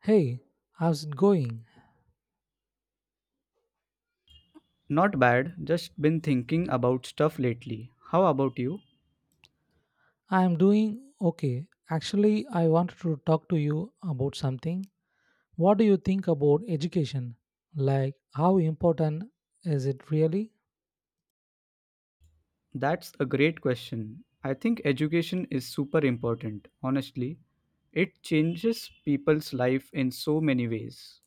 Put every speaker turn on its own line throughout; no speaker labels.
Hey, how's it going?
Not bad, just been thinking about stuff lately. How about you?
I'm doing okay. Actually, I wanted to talk to you about something. What do you think about education? Like, how important is it really?
That's a great question. I think education is super important, honestly. It changes people's life in so many ways.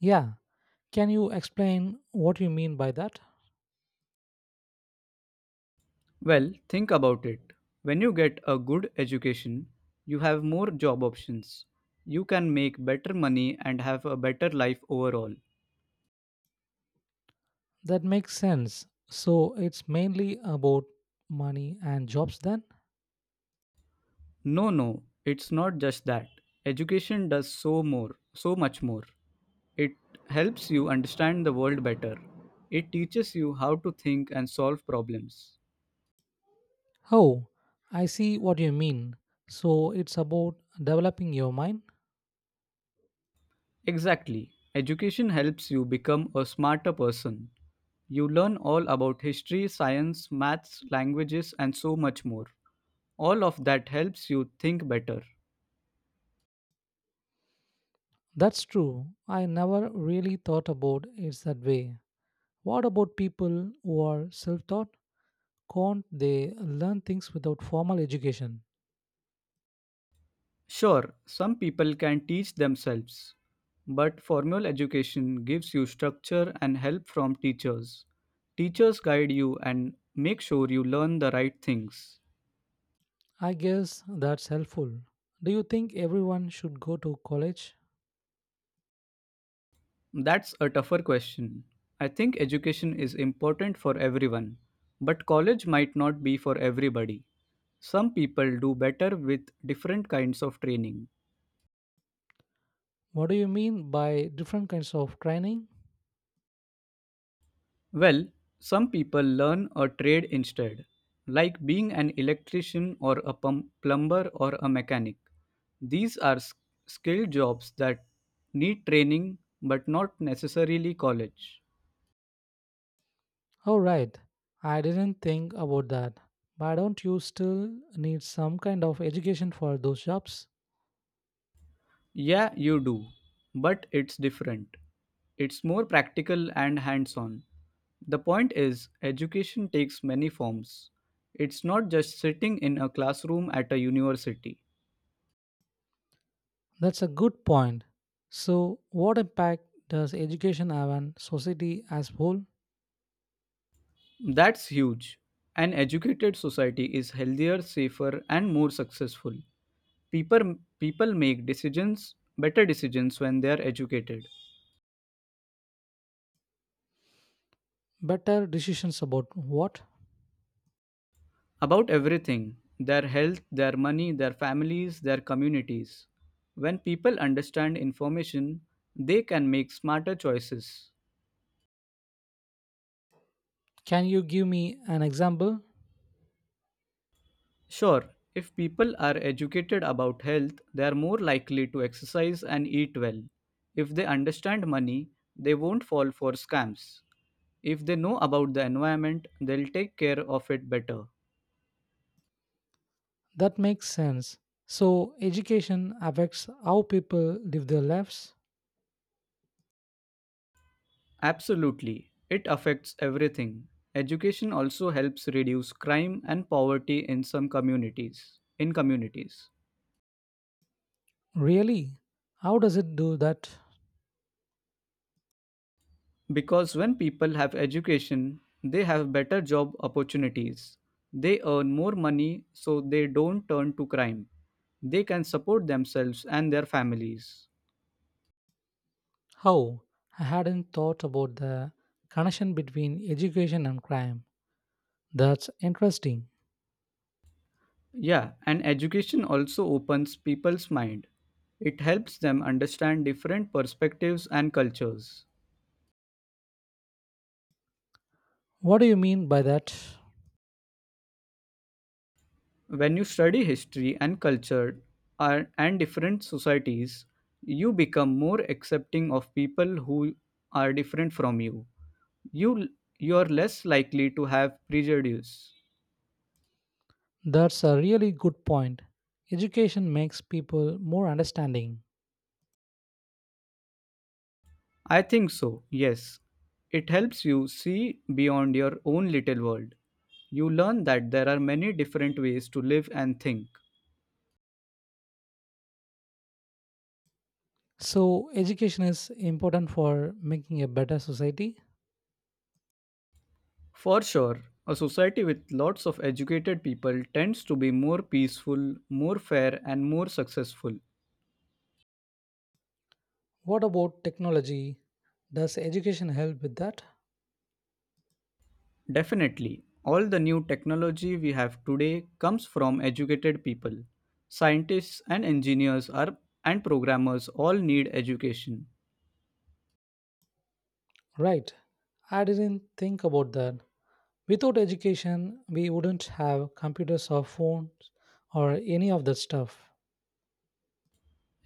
Yeah, can you explain what you mean by that?
Well, think about it. When you get a good education, you have more job options. You can make better money and have a better life overall.
That makes sense. So, it's mainly about money and jobs then?
No, no, it's not just that. Education does so much more. It helps you understand the world better. It teaches you how to think and solve problems.
Oh, I see what you mean. So, it's about developing your mind?
Exactly. Education helps you become a smarter person. You learn all about history, science, maths, languages, and so much more. All of that helps you think better.
That's true. I never really thought about it that way. What about people who are self taught? Can't they learn things without formal education?
Sure, some people can teach themselves, but formal education gives you structure and help from teachers. Teachers guide you and make sure you learn the right things.
I guess that's helpful. Do you think everyone should go to college?
That's a tougher question. I think education is important for everyone, but college might not be for everybody. Some people do better with different kinds of training.
What do you mean by different kinds of training?
Well, some people learn a trade instead, like being an electrician or a plumber or a mechanic. These are skilled jobs that need training but not necessarily college.
Oh, right. I didn't think about that. But don't you still need some kind of education for those jobs?
Yeah, you do, but it's different. It's more practical and hands on. The point is, education takes many forms. It's not just sitting in a classroom at a university.
That's a good point. So, what impact does education have on society as whole?
That's huge. An educated society is healthier, safer, and more successful. People make decisions, better decisions when they are educated
Better decisions about what?
about everything, their health, their money, their families, their communities. When people understand information, they can make smarter choices.
Can you give me an example?
Sure, if people are educated about health, they are more likely to exercise and eat well. If they understand money, they won't fall for scams. If they know about the environment, they'll take care of it better.
That makes sense. So, education affects how people live their lives?
Absolutely. It affects everything. Education also helps reduce crime and poverty in some communities. In communities.
Really? How does it do that?
Because when people have education, they have better job opportunities. They earn more money so they don't turn to crime. They can support themselves and their families.
How? I hadn't thought about the connection between education and crime. That's interesting.
Yeah, and education also opens people's mind. It helps them understand different perspectives and cultures.
What do you mean by that?
When you study history and culture and different societies, you become more accepting of people who are different from you. You you're less likely to have prejudice.
That's a really good point. Education makes people more understanding.
I think so. Yes. It helps you see beyond your own little world. You learn that there are many different ways to live and think.
So, education is important for making a better society?
For sure, a society with lots of educated people tends to be more peaceful, more fair, and more successful.
What about technology? Does education help with that?
Definitely, all the new technology we have today comes from educated people. Scientists and engineers are and programmers all need education.
Right. I didn't think about that. Without education, we wouldn't have computers or phones or any of that stuff.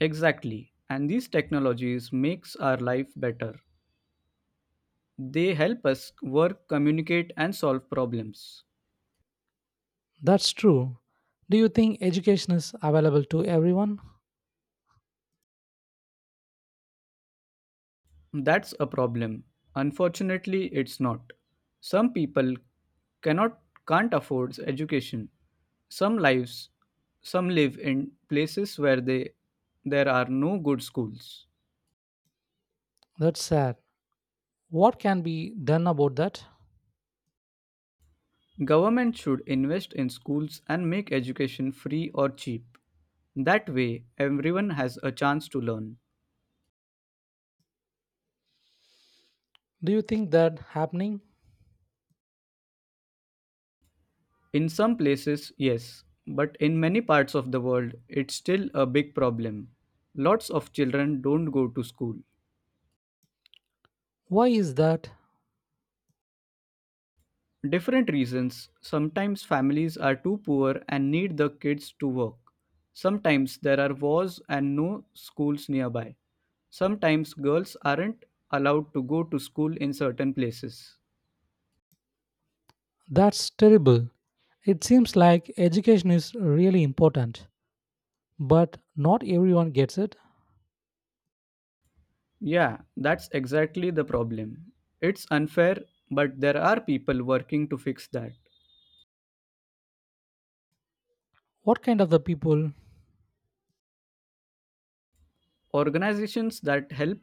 Exactly. And these technologies makes our life better. They help us work, communicate and solve problems.
That's true. Do you think education is available to everyone?
That's a problem. Unfortunately, it's not. Some people cannot can't afford education. Some lives some live in places where they there are no good schools.
That's sad. What can be done about that?
Government should invest in schools and make education free or cheap. That way everyone has a chance to learn.
Do you think that happening?
In some places, yes, but in many parts of the world it's still a big problem. Lots of children don't go to school.
Why is that?
Different reasons. Sometimes families are too poor and need the kids to work. Sometimes there are wars and no schools nearby. Sometimes girls aren't allowed to go to school in certain places.
That's terrible. It seems like education is really important, but not everyone gets it.
Yeah, that's exactly the problem. It's unfair, but there are people working to fix that.
What kind of the people?
Organizations that help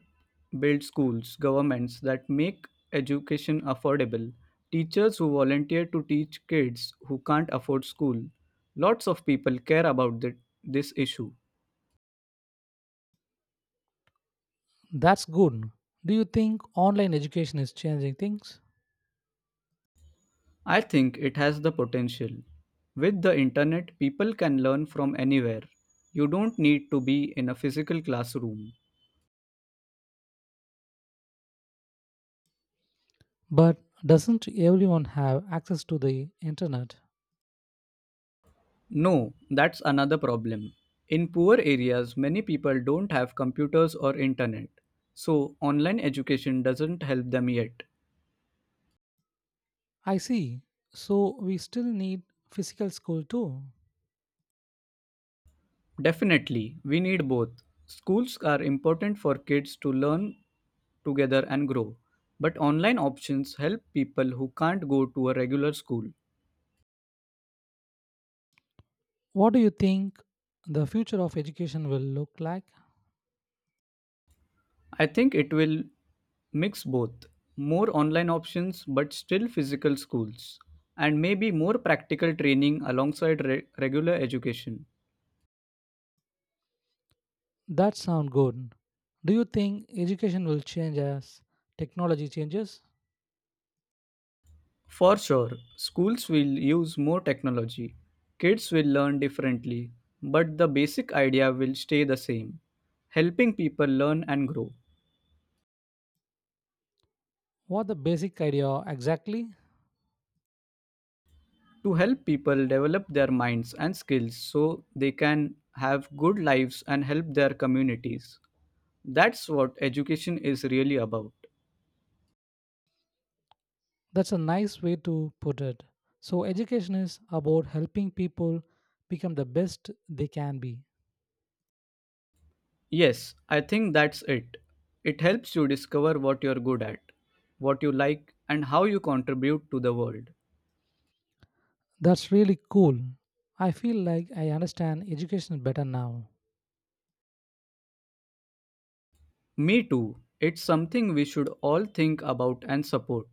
build schools, governments that make education affordable, teachers who volunteer to teach kids who can't afford school. Lots of people care about this issue.
That's good. Do you think online education is changing things?
I think it has the potential. With the internet, people can learn from anywhere. You don't need to be in a physical classroom.
But doesn't everyone have access to the internet?
No, that's another problem. In poor areas, many people don't have computers or internet, so online education doesn't help them yet.
I see. So we still need physical school too.
Definitely, we need both. Schools are important for kids to learn together and grow, but online options help people who can't go to a regular school.
What do you think the future of education will look like?
I think it will mix both, more online options but still physical schools, and maybe more practical training alongside regular education.
That sound good. Do you think education will change as technology changes?
For sure, schools will use more technology. Kids will learn differently, but the basic idea will stay the same, helping people learn and grow.
What the basic idea exactly?
To help people develop their minds and skills so they can have good lives and help their communities. That's what education is really about.
That's a nice way to put it. So, education is about helping people become the best they can be.
Yes, I think that's it. It helps you discover what you're good at, what you like, and how you contribute to the world.
That's really cool. I feel like I understand education better now.
Me too. It's something we should all think about and support.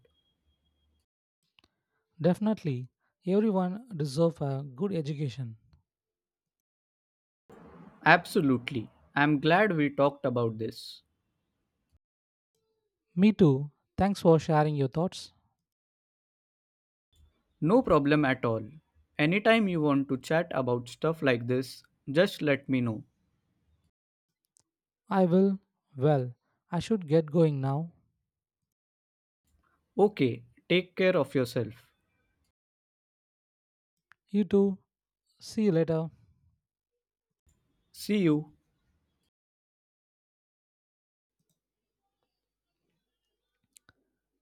Definitely, everyone deserves a good education.
Absolutely. I'm glad we talked about this.
Me too. Thanks for sharing your thoughts.
No problem at all. Anytime you want to chat about stuff like this, just let me know.
I will. Well, I should get going now.
Okay, take care of yourself.
You too. See you later.
See you.